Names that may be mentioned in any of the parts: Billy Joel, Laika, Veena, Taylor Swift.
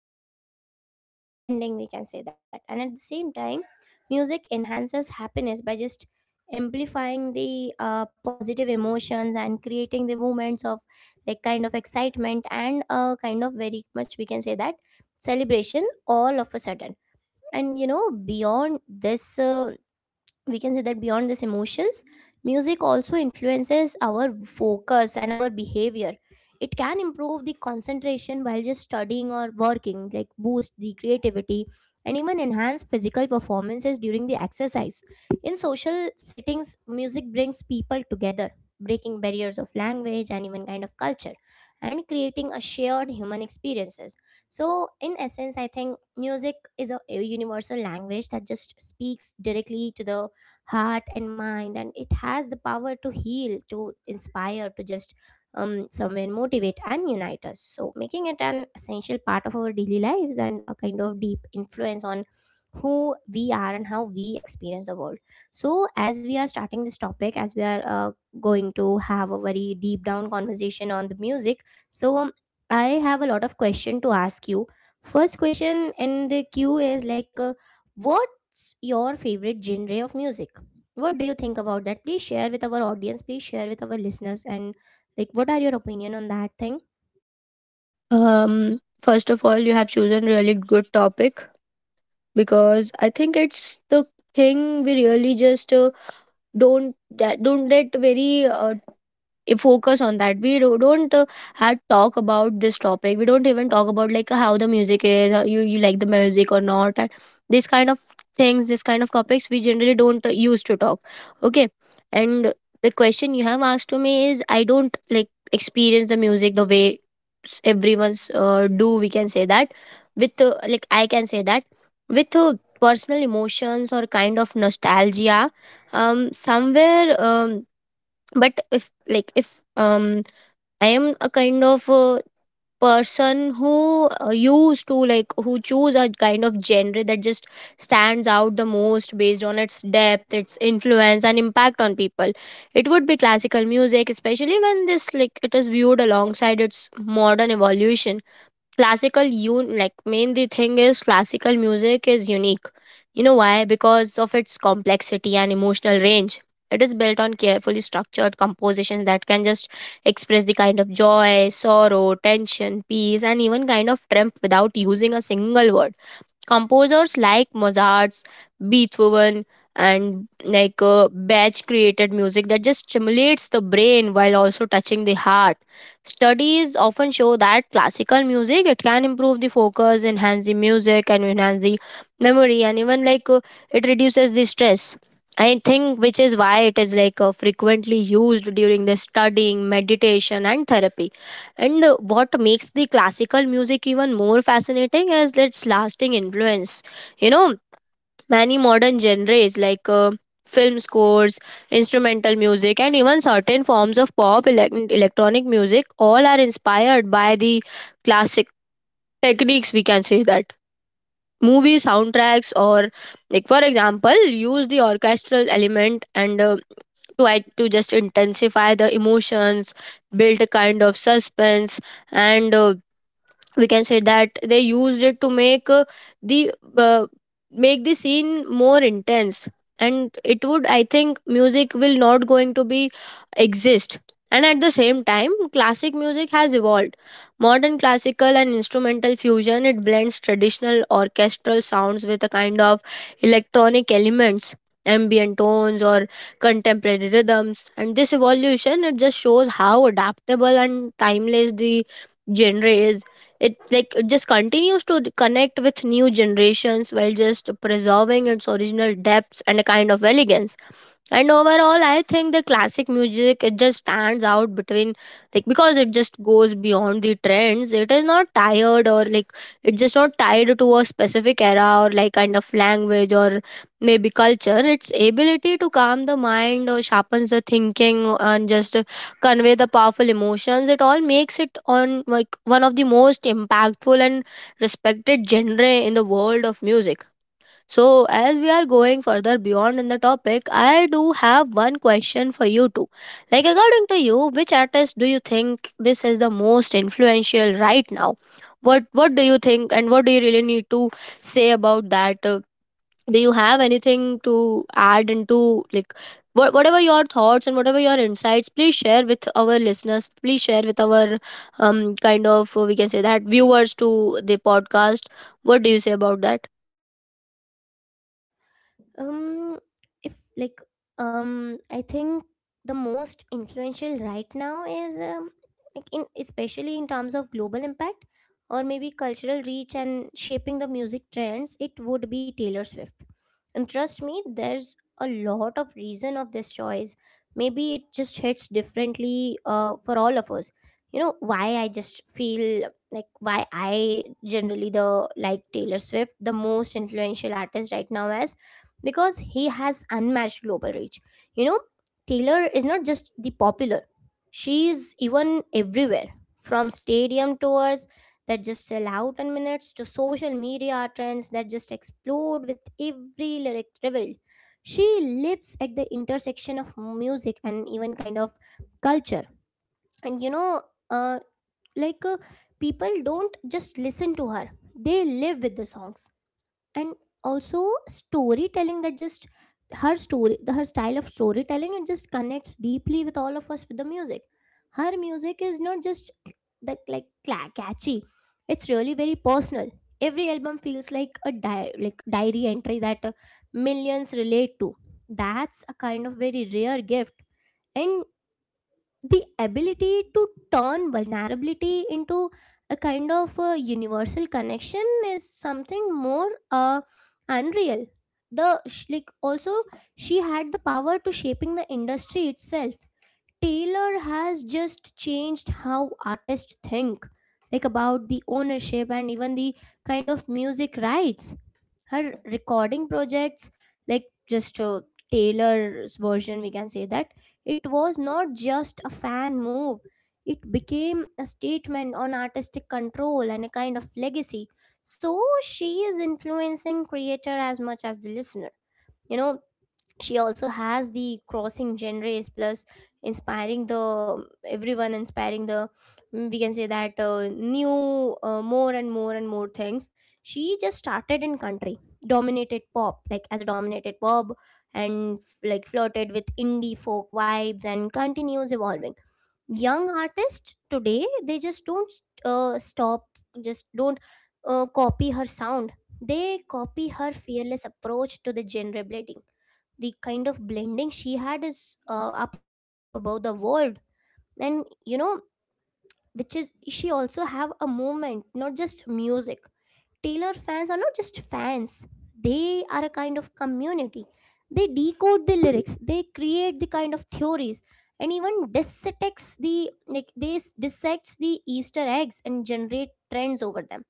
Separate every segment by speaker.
Speaker 1: comfort and a sense of understanding, we can say that. And at the same time, music enhances happiness by just amplifying the positive emotions and creating the moments of like kind of excitement and a kind of very much, we can say that, celebration all of a sudden. And beyond this, we can say that, beyond these emotions, music also influences our focus and our behavior. It can improve the concentration while just studying or working, like boost the creativity, and even enhance physical performances during the exercise. In social settings, music brings people together, breaking barriers of language and even kind of culture, and creating a shared human experiences. So in essence, I think music is a universal language that just speaks directly to the heart and mind, and it has the power to heal, to inspire, to just somewhere motivate and unite us, so making it an essential part of our daily lives and a kind of deep influence on who we are and how we experience the world. So as we are starting this topic, as we are going to have a very deep down conversation on the music, so I have a lot of question to ask you. First question in the queue is like, what's your favorite genre of music? What do you think about that? Please share with our audience, please share with our listeners, and like what are your opinion on that thing?
Speaker 2: First of all, you have chosen really good topic because I think it's the thing we really just don't get very focus on that we don't had talk about this topic. We don't even talk about like how the music is, how you like the music or not, and this kind of things, this kind of topics we generally don't use to talk, okay. And the question you have asked to me is I don't like experience the music the way everyone's do, we can say that, with like I can say that with personal emotions or kind of nostalgia, somewhere. But if um I am a kind of person who used to like, who choose a kind of genre that just stands out the most based on its depth, its influence and impact on people, it would be classical music, especially when this, like it is viewed alongside its modern evolution. Classical, un like mainly thing is classical music is unique. You know why? Because of its complexity and emotional range. It is built on carefully structured compositions that can just express the kind of joy, sorrow, tension, peace, and even kind of triumph without using a single word. Composers like Mozart's, Beethoven, and Bach created music that just stimulates the brain while also touching the heart. Studies often show that classical music it can improve the focus, enhance the music, and enhance the memory, and even it reduces the stress. I think which is why it is frequently used during the studying, meditation, and therapy. And what makes the classical music even more fascinating is its lasting influence. You know, many modern genres film scores, instrumental music, and even certain forms of pop electronic music all are inspired by the classic techniques, we can say that. Movie soundtracks, or like for example, use the orchestral element and to just intensify the emotions, build a kind of suspense, and we can say that they used it to make the make the scene more intense. And it would, I think music will not going to be exist. And at the same time classic music has evolved. Modern classical and instrumental fusion it blends traditional orchestral sounds with a kind of electronic elements, ambient tones, or contemporary rhythms, and this evolution it just shows how adaptable and timeless the genre is. It, like it just continues to connect with new generations while just preserving its original depths and a kind of elegance. And overall I think the classic music it just stands out between, like because it just goes beyond the trends. It is not tired, or like it's just not tied to a specific era or like kind of language or maybe culture. Its ability to calm the mind or sharpens the thinking and just convey the powerful emotions, it all makes it on like one of the most impactful and respected genre in the world of music. So, as we are going further beyond in the topic, I do have one question for you too. Like, according to you, which artist do you think this is the most influential right now? What do you think, and what do you really need to say about that? Do you have anything to add into like whatever your thoughts and whatever your insights? Please share with our listeners. Please share with our kind of we can say that viewers to the podcast. What do you say about that?
Speaker 1: Um, if like, I think the most influential right now is, like in especially in terms of global impact or maybe cultural reach and shaping the music trends, it would be Taylor Swift, and trust me, there's a lot of reason of this choice. Maybe it just hits differently for all of us. You know why I just feel like why I generally the like Taylor Swift the most influential artist right now as because he has unmatched global reach. You know, Taylor is not just the popular, she is even everywhere, from stadium tours that just sell out in minutes to social media trends that just explode with every lyric reveal. She lives at the intersection of music and even kind of culture. And you know, uh, like uh, people don't just listen to her, they live with the songs. And also storytelling that just, her story, the her style of storytelling, it just connects deeply with all of us with the music. Her music is not just the like catchy, it's really very personal. Every album feels like a like diary entry that millions relate to. That's a kind of very rare gift. And the ability to turn vulnerability into a kind of universal connection is something more unreal. The like also, she had the power to shaping the industry itself. Taylor has just changed how artists think, like about the ownership and even the kind of music rights. Her recording projects, like just Taylor's version, we can say that, it was not just a fan move, it became a statement on artistic control and a kind of legacy. So she is influencing creator as much as the listener. You know, she also has the crossing genres plus inspiring the everyone, inspiring the, we can say that, new, more and more and more things. She just started in country dominated pop, like as a dominated pop, and like flirted with indie folk vibes and continues evolving. Young artists today, they just don't stop, just don't copy her sound, they copy her fearless approach to the genre blending. The kind of blending she had is up above the world. And you know, which is she also have a movement, not just music. Taylor fans are not just fans, they are a kind of community. They decode the lyrics, they create the kind of theories, and even dissects the like this dissects the Easter eggs and generate trends over them.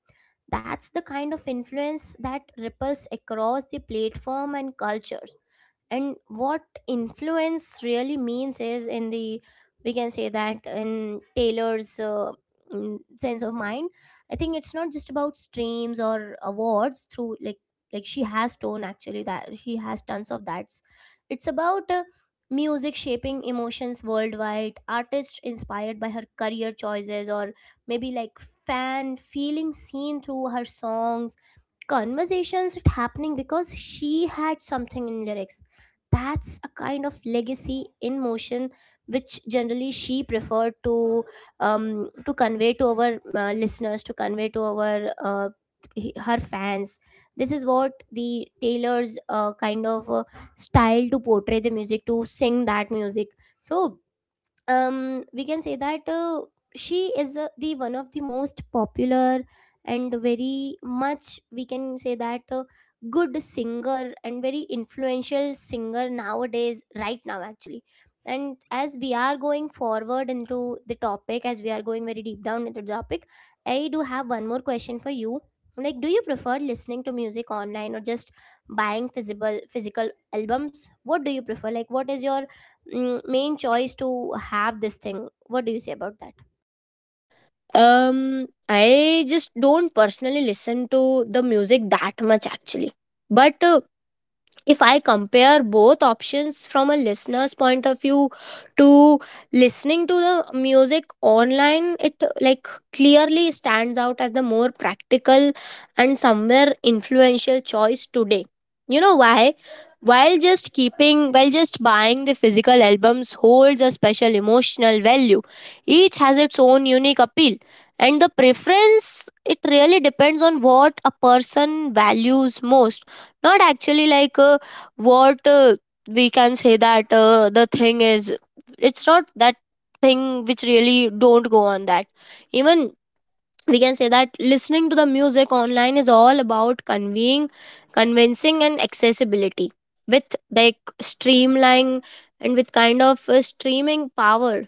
Speaker 1: That's the kind of influence that ripples across the platform and cultures. And what influence really means is in the, we can say that in Taylor's sense of mind, I think it's not just about streams or awards through like she has tone actually, that she has tons of that's, it's about music shaping emotions worldwide, artists inspired by her career choices, or maybe like, fan feeling seen through her songs, conversations it happening because she had something in lyrics. That's a kind of legacy in motion, which generally she preferred to, to convey to our listeners, to convey to our her fans. This is what the Taylor's style to portray the music, to sing that music. So we can say that, she is the one of the most popular and very much, we can say that, good singer and very influential singer nowadays right now actually. And as we are going forward into the topic, as we are going very deep down into the topic, I do have one more question for you. Like, do you prefer listening to music online or just buying physical albums? What do you prefer? Like what is your, main choice to have this thing? What do you say about that?
Speaker 2: I just don't personally listen to the music that much actually. But if I compare both options from a listener's point of view, to listening to the music online, it like clearly stands out as the more practical and somewhere influential choice today. You know why? While just keeping, while just buying the physical albums holds a special emotional value, each has its own unique appeal, and the preference it really depends on what a person values most. Not actually what we can say that the thing is, it's not that thing which really don't go on that. Even, we can say that listening to the music online is all about conveying, convincing, and accessibility. With like streamlining, and with kind of streaming power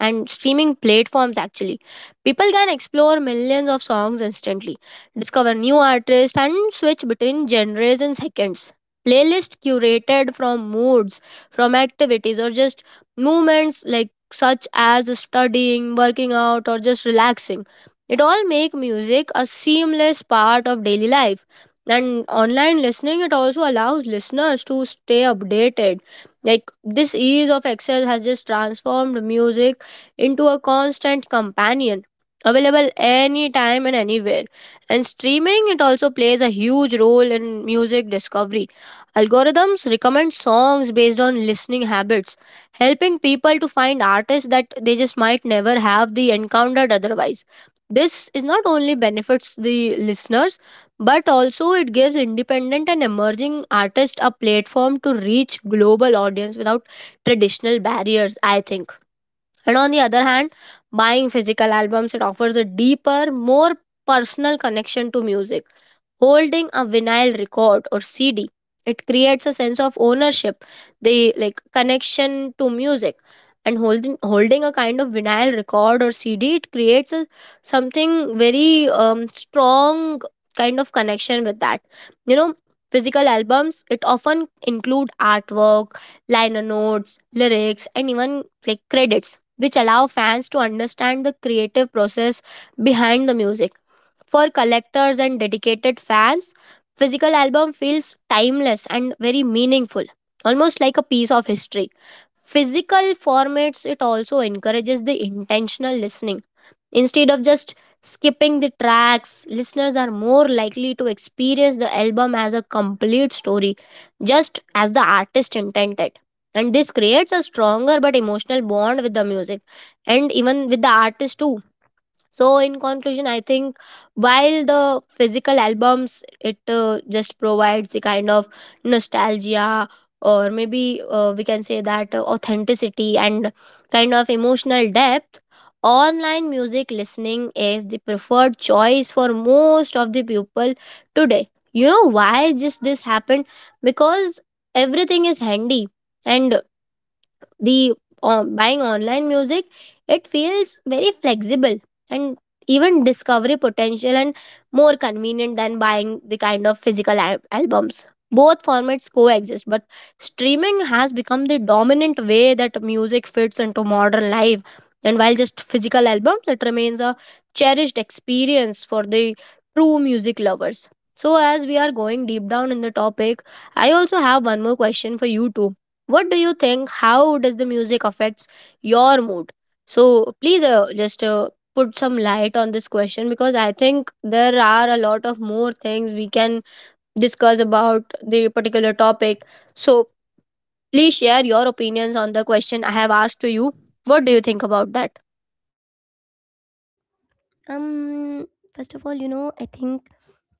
Speaker 2: and streaming platforms actually. People can explore millions of songs instantly, discover new artists, and switch between genres in seconds. Playlists curated from moods, from activities, or just movements like such as studying, working out, or just relaxing. It all make music a seamless part of daily life. And online listening, it also allows listeners to stay updated. Like this ease of access has just transformed music into a constant companion available anytime and anywhere. And streaming it also plays a huge role in music discovery. Algorithms recommend songs based on listening habits, helping people to find artists that they just might never have the encountered otherwise. This is not only benefits the listeners but also it gives independent and emerging artists a platform to reach global audience without traditional barriers, I think. And on the other hand, buying physical albums it offers a deeper, more personal connection to music. Holding a vinyl record or CD, it creates a sense of ownership, the like connection to music. And holding a kind of vinyl record or CD, it creates a, something very strong kind of connection with that. You know, physical albums it often include artwork, liner notes, lyrics, and even like credits which allow fans to understand the creative process behind the music. For collectors and dedicated fans, physical album feels timeless and very meaningful, almost like a piece of history. Physical formats it also encourages the intentional listening. Instead of just skipping the tracks, listeners are more likely to experience the album as a complete story, just as the artist intended. And this creates a stronger but emotional bond with the music and even with the artist too. So in conclusion I think, while the physical albums it just provides the kind of nostalgia, or maybe we can say that authenticity and kind of emotional depth, online music listening is the preferred choice for most of the people today. You know why just this happened? Because everything is handy, and the buying online music, it feels very flexible, and even discovery potential and more convenient than buying the kind of physical albums. Both formats coexist, but streaming has become the dominant way that music fits into modern life. And while just physical albums it remains a cherished experience for the true music lovers. So as we are going deep down in the topic, I also have one more question for you too. What do you think, how does the music affects your mood? So please just put some light on this question, because I think there are a lot of more things we can discuss about the particular topic. So please share your opinions on the question I have asked to you. What do you think about that?
Speaker 1: um First of all, you know, I think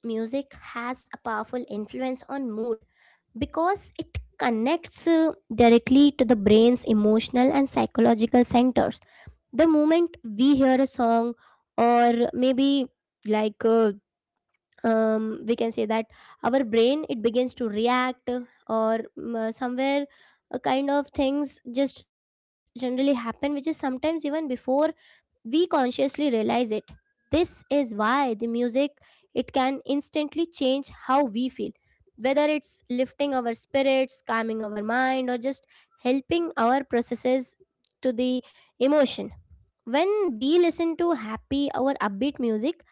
Speaker 1: music has a powerful influence on mood because it connects directly to the brain's emotional and psychological centers. The moment we hear a song, or maybe like uh, we can say that our brain, it begins to react, somewhere a kind of things just generally happen, which is sometimes even before we consciously realize it. This is why the music, it can instantly change how we feel, whether it's lifting our spirits, calming our mind, or just helping our processes to the emotion. When we listen to happy or upbeat music,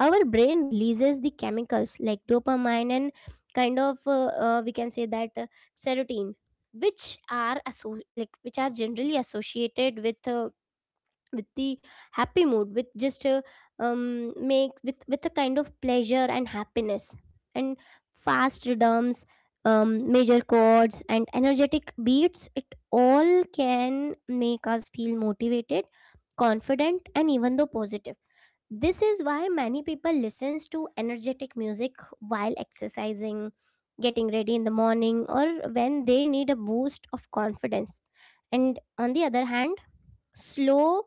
Speaker 1: our brain releases the chemicals like dopamine and kind of we can say that serotonin, which are like which are generally associated with the happy mood, with just a make with a kind of pleasure and happiness. And fast rhythms, major chords and energetic beats, it all can make us feel motivated, confident, and even though positive. This is why many people listens to energetic music while exercising, getting ready in the morning, or when they need a boost of confidence. And on the other hand, slow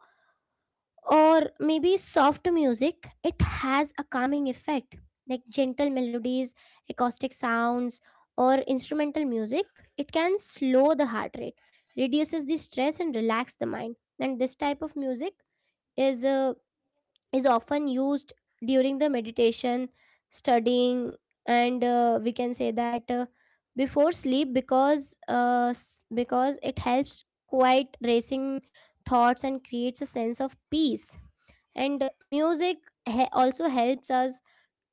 Speaker 1: or maybe soft music, it has a calming effect. Like gentle melodies, acoustic sounds, or instrumental music, it can slow the heart rate, reduces the stress and relax the mind. And this type of music is, is often used during the meditation, studying, and we can say that before sleep, because because it helps quiet racing thoughts and creates a sense of peace. And music, also helps us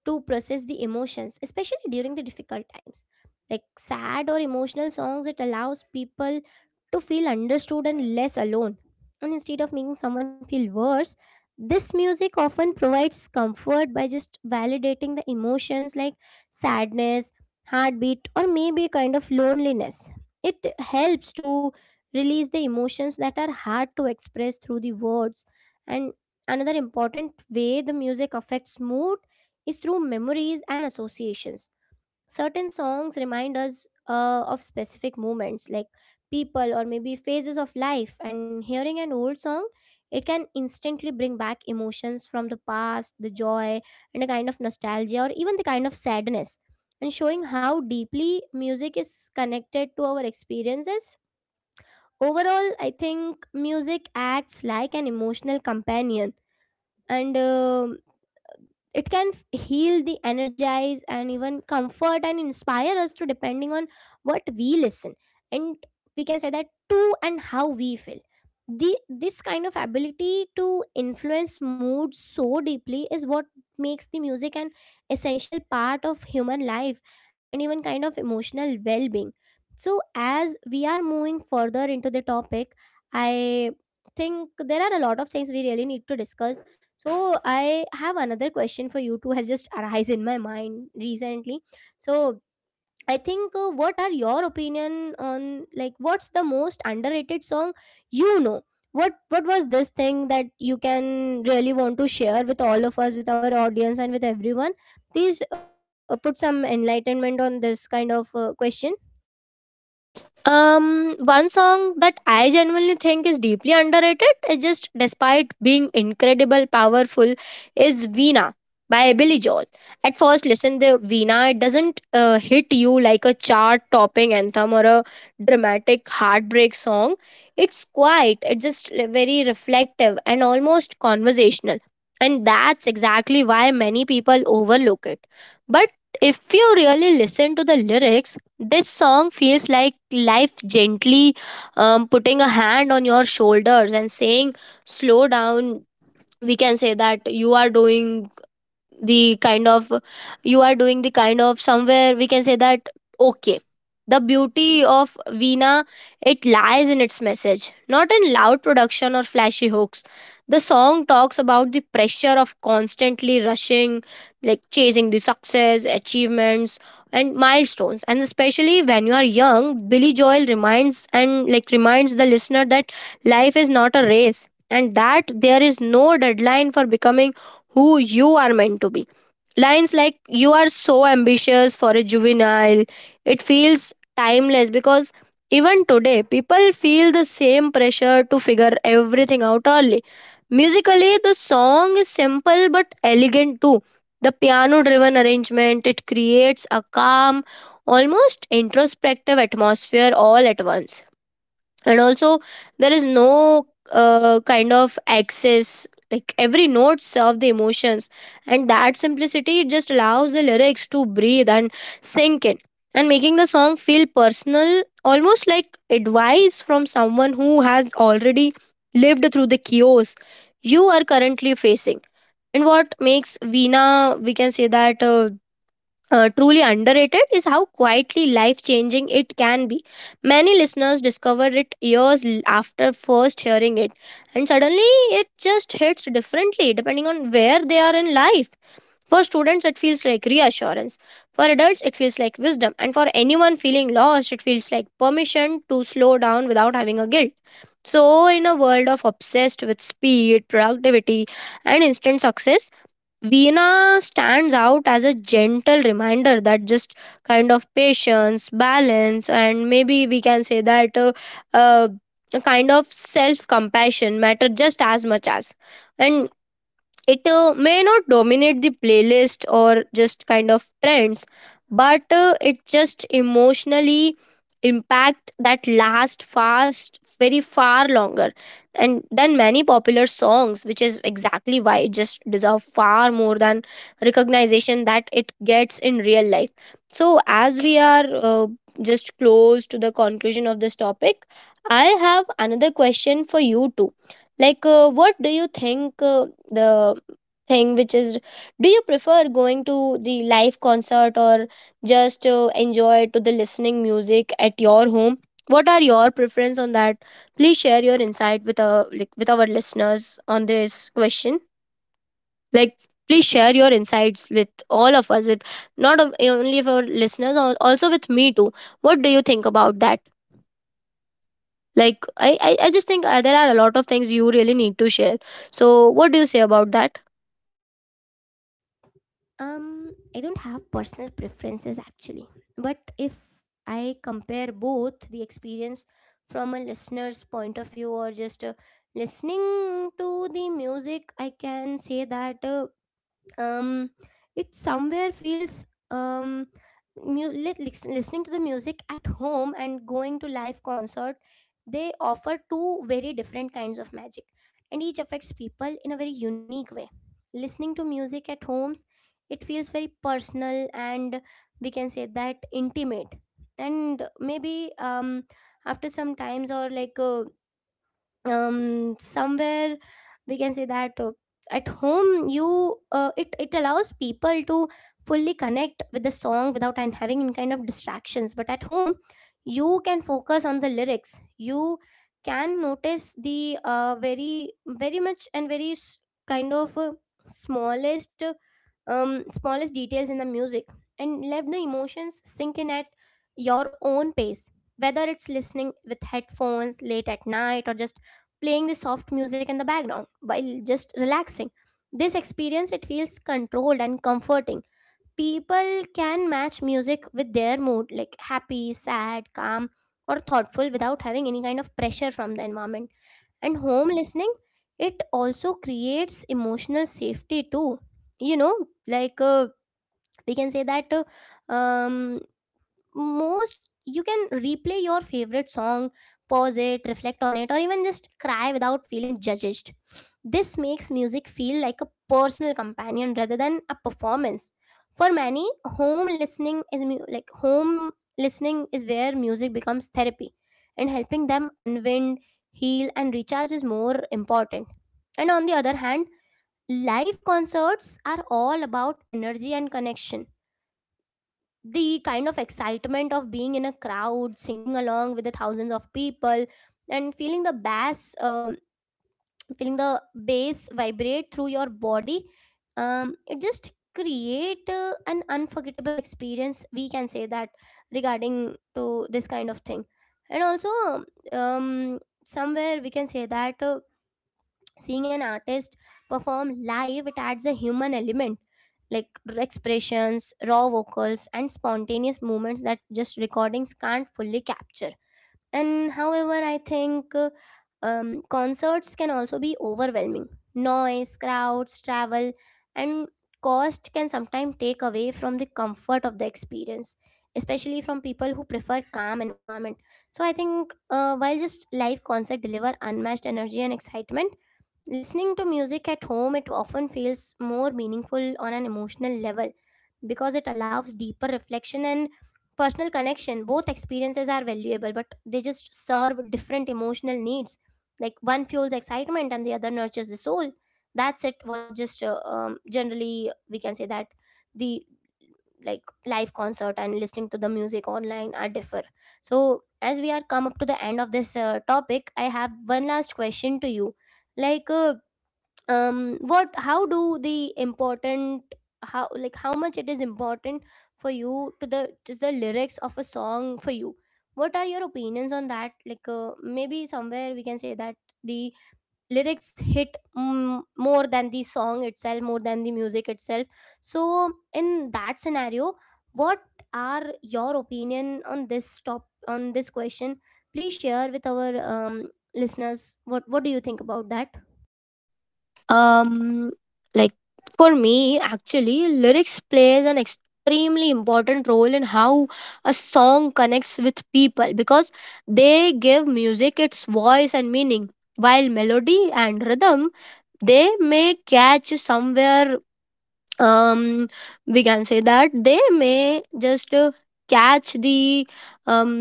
Speaker 1: to process the emotions, especially during the difficult times. Like sad or emotional songs, it allows people to feel understood and less alone. And instead of making someone feel worse, this music often provides comfort by just validating the emotions like sadness, heartbeat, or maybe kind of loneliness. It helps to release the emotions that are hard to express through the words. And another important way the music affects mood is through memories and associations. Certain songs remind us of specific moments, like people or maybe phases of life. And hearing an old song, it can instantly bring back emotions from the past, the joy, and a kind of nostalgia, or even the kind of sadness. And showing how deeply music is connected to our experiences. Overall, I think music acts like an emotional companion and it can heal the energize and even comfort and inspire us to depending on what we listen, and we can say that to and how we feel. The this kind of ability to influence mood so deeply is what makes the music an essential part of human life and even kind of emotional well-being. So as we are moving further into the topic, I think there are a lot of things we really need to discuss. So I have another question for you too has just arise in my mind recently. So I think what are your opinion on like what's the most underrated song, you know? What was this thing that you can really want to share with all of us, with our audience, and with everyone? Please put some enlightenment on this kind of question.
Speaker 2: One song that I genuinely think is deeply underrated, it just despite being incredible, powerful, is Veena by Billy Joel. At first listen to Veena, it doesn't hit you like a chart-topping anthem or a dramatic heartbreak song. It's quiet, it's just very reflective and almost conversational. And that's exactly why many people overlook it. But if you really listen to the lyrics, this song feels like life gently putting a hand on your shoulders and saying, slow down. We can say that you are doing the kind of, you are doing the kind of somewhere, we can say that, okay. The beauty of Veena, it lies in its message, not in loud production or flashy hooks. The song talks about the pressure of constantly rushing, like chasing the success, achievements, and milestones, and especially when you are young. Billy Joel reminds and like reminds the listener that life is not a race and that there is no deadline for becoming who you are meant to be. Lines like you are so ambitious for a juvenile, it feels timeless because even today people feel the same pressure to figure everything out early. Musically, the song is simple but elegant too. The piano driven arrangement it creates a calm, almost introspective atmosphere all at once, and also there is no kind of access. Like, every note serve the emotions, and that simplicity it just allows the lyrics to breathe and sink in and making the song feel personal, almost like advice from someone who has already lived through the chaos you are currently facing. And what makes veena, we can say that truly underrated is how quietly life changing it can be. Many listeners discover it after first hearing it, and suddenly it just hits differently depending on where they are in life. For students, it feels like reassurance. For adults, it feels like wisdom. And for anyone feeling lost, it feels like permission to slow down without having a guilt. So, in a world of obsessed with speed, productivity, and instant success, Veena stands out as a gentle reminder that just kind of patience, balance, and maybe we can say that uh, a kind of self compassion matter just as much as. And it may not dominate the playlist or just kind of trends, but it just emotionally impact that last fast very far longer and than many popular songs, which is exactly why it just deserve far more than recognition that it gets in real life. So as we are just close to the conclusion of this topic, I have another question for you too. Like, what do you think, the thing which is, do you prefer going to the live concert or just enjoy to the listening music at your home? What are your preference on that? Please share your insight with our, like, with our listeners on this question. Like, please share your insights with all of us, with not of- eh, only for listeners, also with me too. What do you think about that? Like, I just think there are a lot of things you really need to share. So what do you say about that?
Speaker 1: I don't have personal preferences actually, but if I compare both the experience from a listener's point of view or just listening to the music, I can say that um it somewhere feels listening to the music at home and going to live concert, they offer two very different kinds of magic and each affects people in a very unique way. Listening to music at homes, it feels very personal and we can say that intimate. And maybe after some times or like somewhere we can say that at home you it allows people to fully connect with the song without and having any kind of distractions. But at home you can focus on the lyrics, you can notice the very very much and kind of smallest uh, smallest details in the music and let the emotions sink in at your own pace, whether it's listening with headphones late at night or just playing the soft music in the background while just relaxing. This experience it feels controlled and comforting. People can match music with their mood like happy, sad, calm or thoughtful without having any kind of pressure from the environment. And home listening, it also creates emotional safety too. You know, like we can say that uh, um most you can replay your favorite song, pause it, reflect on it, or even just cry without feeling judged. This makes music feel like a personal companion rather than a performance. For many, home listening is where music becomes therapy and helping them unwind, heal and recharge is more important. And on the other hand, live concerts are all about energy and connection. The kind of excitement of being in a crowd singing along with the thousands of people and feeling the bass vibrate through your body, it just create an unforgettable experience, we can say that, regarding to this kind of thing. And also, somewhere we can say that seeing an artist perform live, it adds a human element, like expressions, raw vocals and spontaneous movements that just recordings can't fully capture. And however I think concerts can also be overwhelming. Noise, crowds, travel and cost can sometimes take away from the comfort of the experience, especially from people who prefer calm environment. So I think, while just live concert deliver unmatched energy and excitement, listening to music at home, it often feels more meaningful on an emotional level because it allows deeper reflection and personal connection. Both experiences are valuable, but they just serve different emotional needs. Like one fuels excitement and the other nurtures the soul. That's it. Was just generally we can say that the like live concert and listening to the music online are differ. So as we are come up to the end of this topic, I have one last question to you. Like. What how do the important how like how much it is important for you to the just the lyrics of a song for you? What are your opinions on that? Like maybe somewhere we can say that the lyrics hit, mm, more than the song itself, more than the music itself. So in that scenario, what are your opinion on this top on this question? Please share with our listeners. What do you think about that?
Speaker 2: Um, like, for me actually lyrics plays an extremely important role in how a song connects with people, because they give music its voice and meaning. While melody and rhythm, they may catch you somewhere, um, we can say that they may just catch the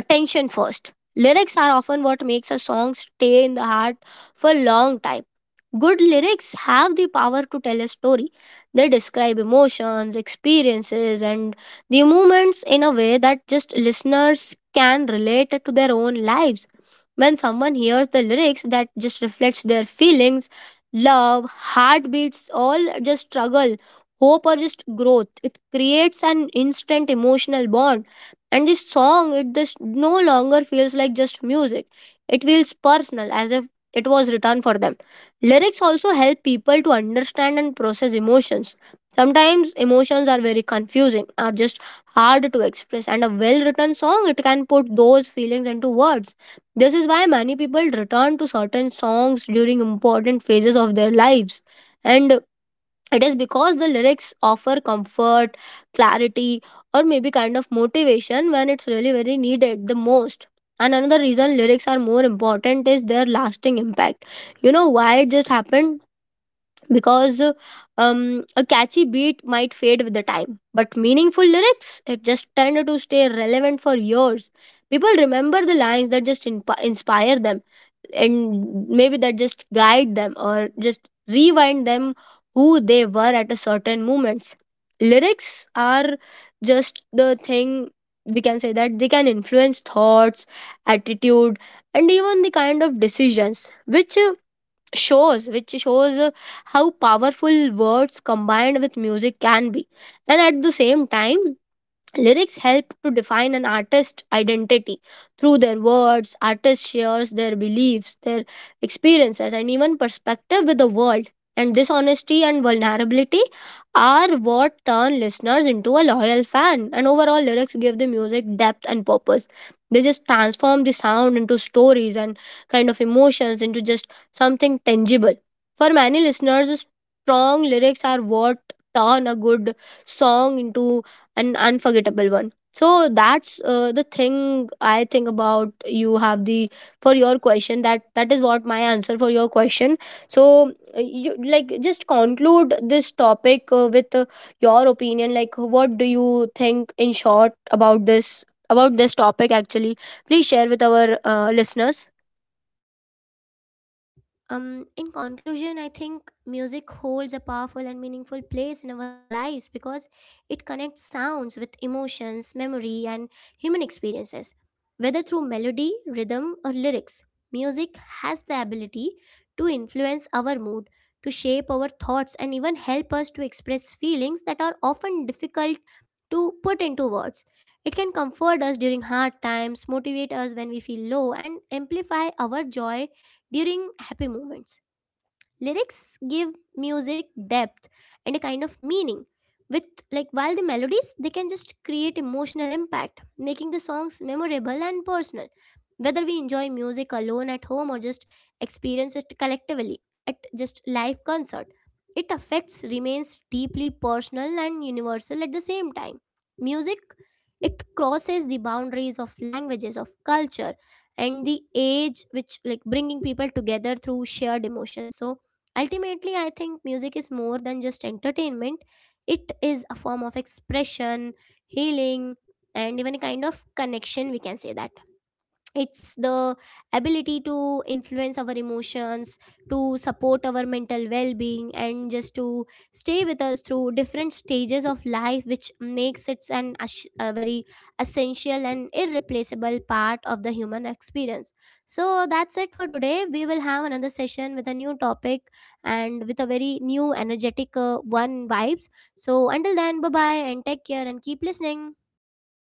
Speaker 2: attention first. Lyrics are often what makes a song stay in the heart for a long time. Good lyrics have the power to tell a story. They describe emotions, experiences, and the moments in a way that just listeners can relate to their own lives. When someone hears the lyrics that just reflects their feelings, love, heartbeats, all just struggle, hope, or just growth, it creates an instant emotional bond. And this song it just no longer feels like just music. It feels personal, as if it was written for them. Lyrics also help people to understand and process emotions. Sometimes emotions are very confusing, are just hard to express, and a well written song it can put those feelings into words. This is why many people return to certain songs during important phases of their lives, and it is because the lyrics offer comfort, clarity, or maybe kind of motivation when it's really very needed the most. And another reason lyrics are more important is their lasting impact. You know why it just happened? Because a catchy beat might fade with the time, but meaningful lyrics it just tend to stay relevant for years. People remember the lines that just inspire them, and maybe that just guide them or just rewind them who they were at a certain moments. Lyrics are just the thing, we can say that they can influence thoughts, attitude, and even the kind of decisions, which shows how powerful words combined with music can be. And at the same time, lyrics help to define an artist's identity. Through their words, artist shares their beliefs, their experiences, and even perspective with the world. And this honesty and vulnerability are what turn listeners into a loyal fan. And overall, lyrics give the music depth and purpose. They just transform the sound into stories and kind of emotions into just something tangible. For many listeners, strong lyrics are what turn a good song into an unforgettable one. So that's the thing I think about. You have the For your question, that, that is what my answer for your question. So you like just conclude this topic with your opinion, like what do you think in short about this, about this topic actually. Please share with our listeners.
Speaker 1: In conclusion, I think music holds a powerful and meaningful place in our lives because it connects sounds with emotions, memory, and human experiences. Whether through melody, rhythm, or lyrics, music has the ability to influence our mood, to shape our thoughts, and even help us to express feelings that are often difficult to put into words. It can comfort us during hard times, motivate us when we feel low, and amplify our joy during happy moments. Lyrics give music depth and a kind of meaning. With like while the melodies, they can just create emotional impact, making the songs memorable and personal. Whether we enjoy music alone at home or just experience it collectively at just live concert, it affects remains deeply personal and universal at the same time. Music, it crosses the boundaries of languages, of culture and the age, which like bringing people together through shared emotion. So ultimately, I think music is more than just entertainment. It is a form of expression, healing, and even a kind of connection. We can say that it's the ability to influence our emotions, to support our mental well-being and just to stay with us through different stages of life, which makes it a very essential and irreplaceable part of the human experience. So that's it for today. We will have another session with a new topic and with a very new energetic one vibes. So until then, bye bye and take care and keep listening.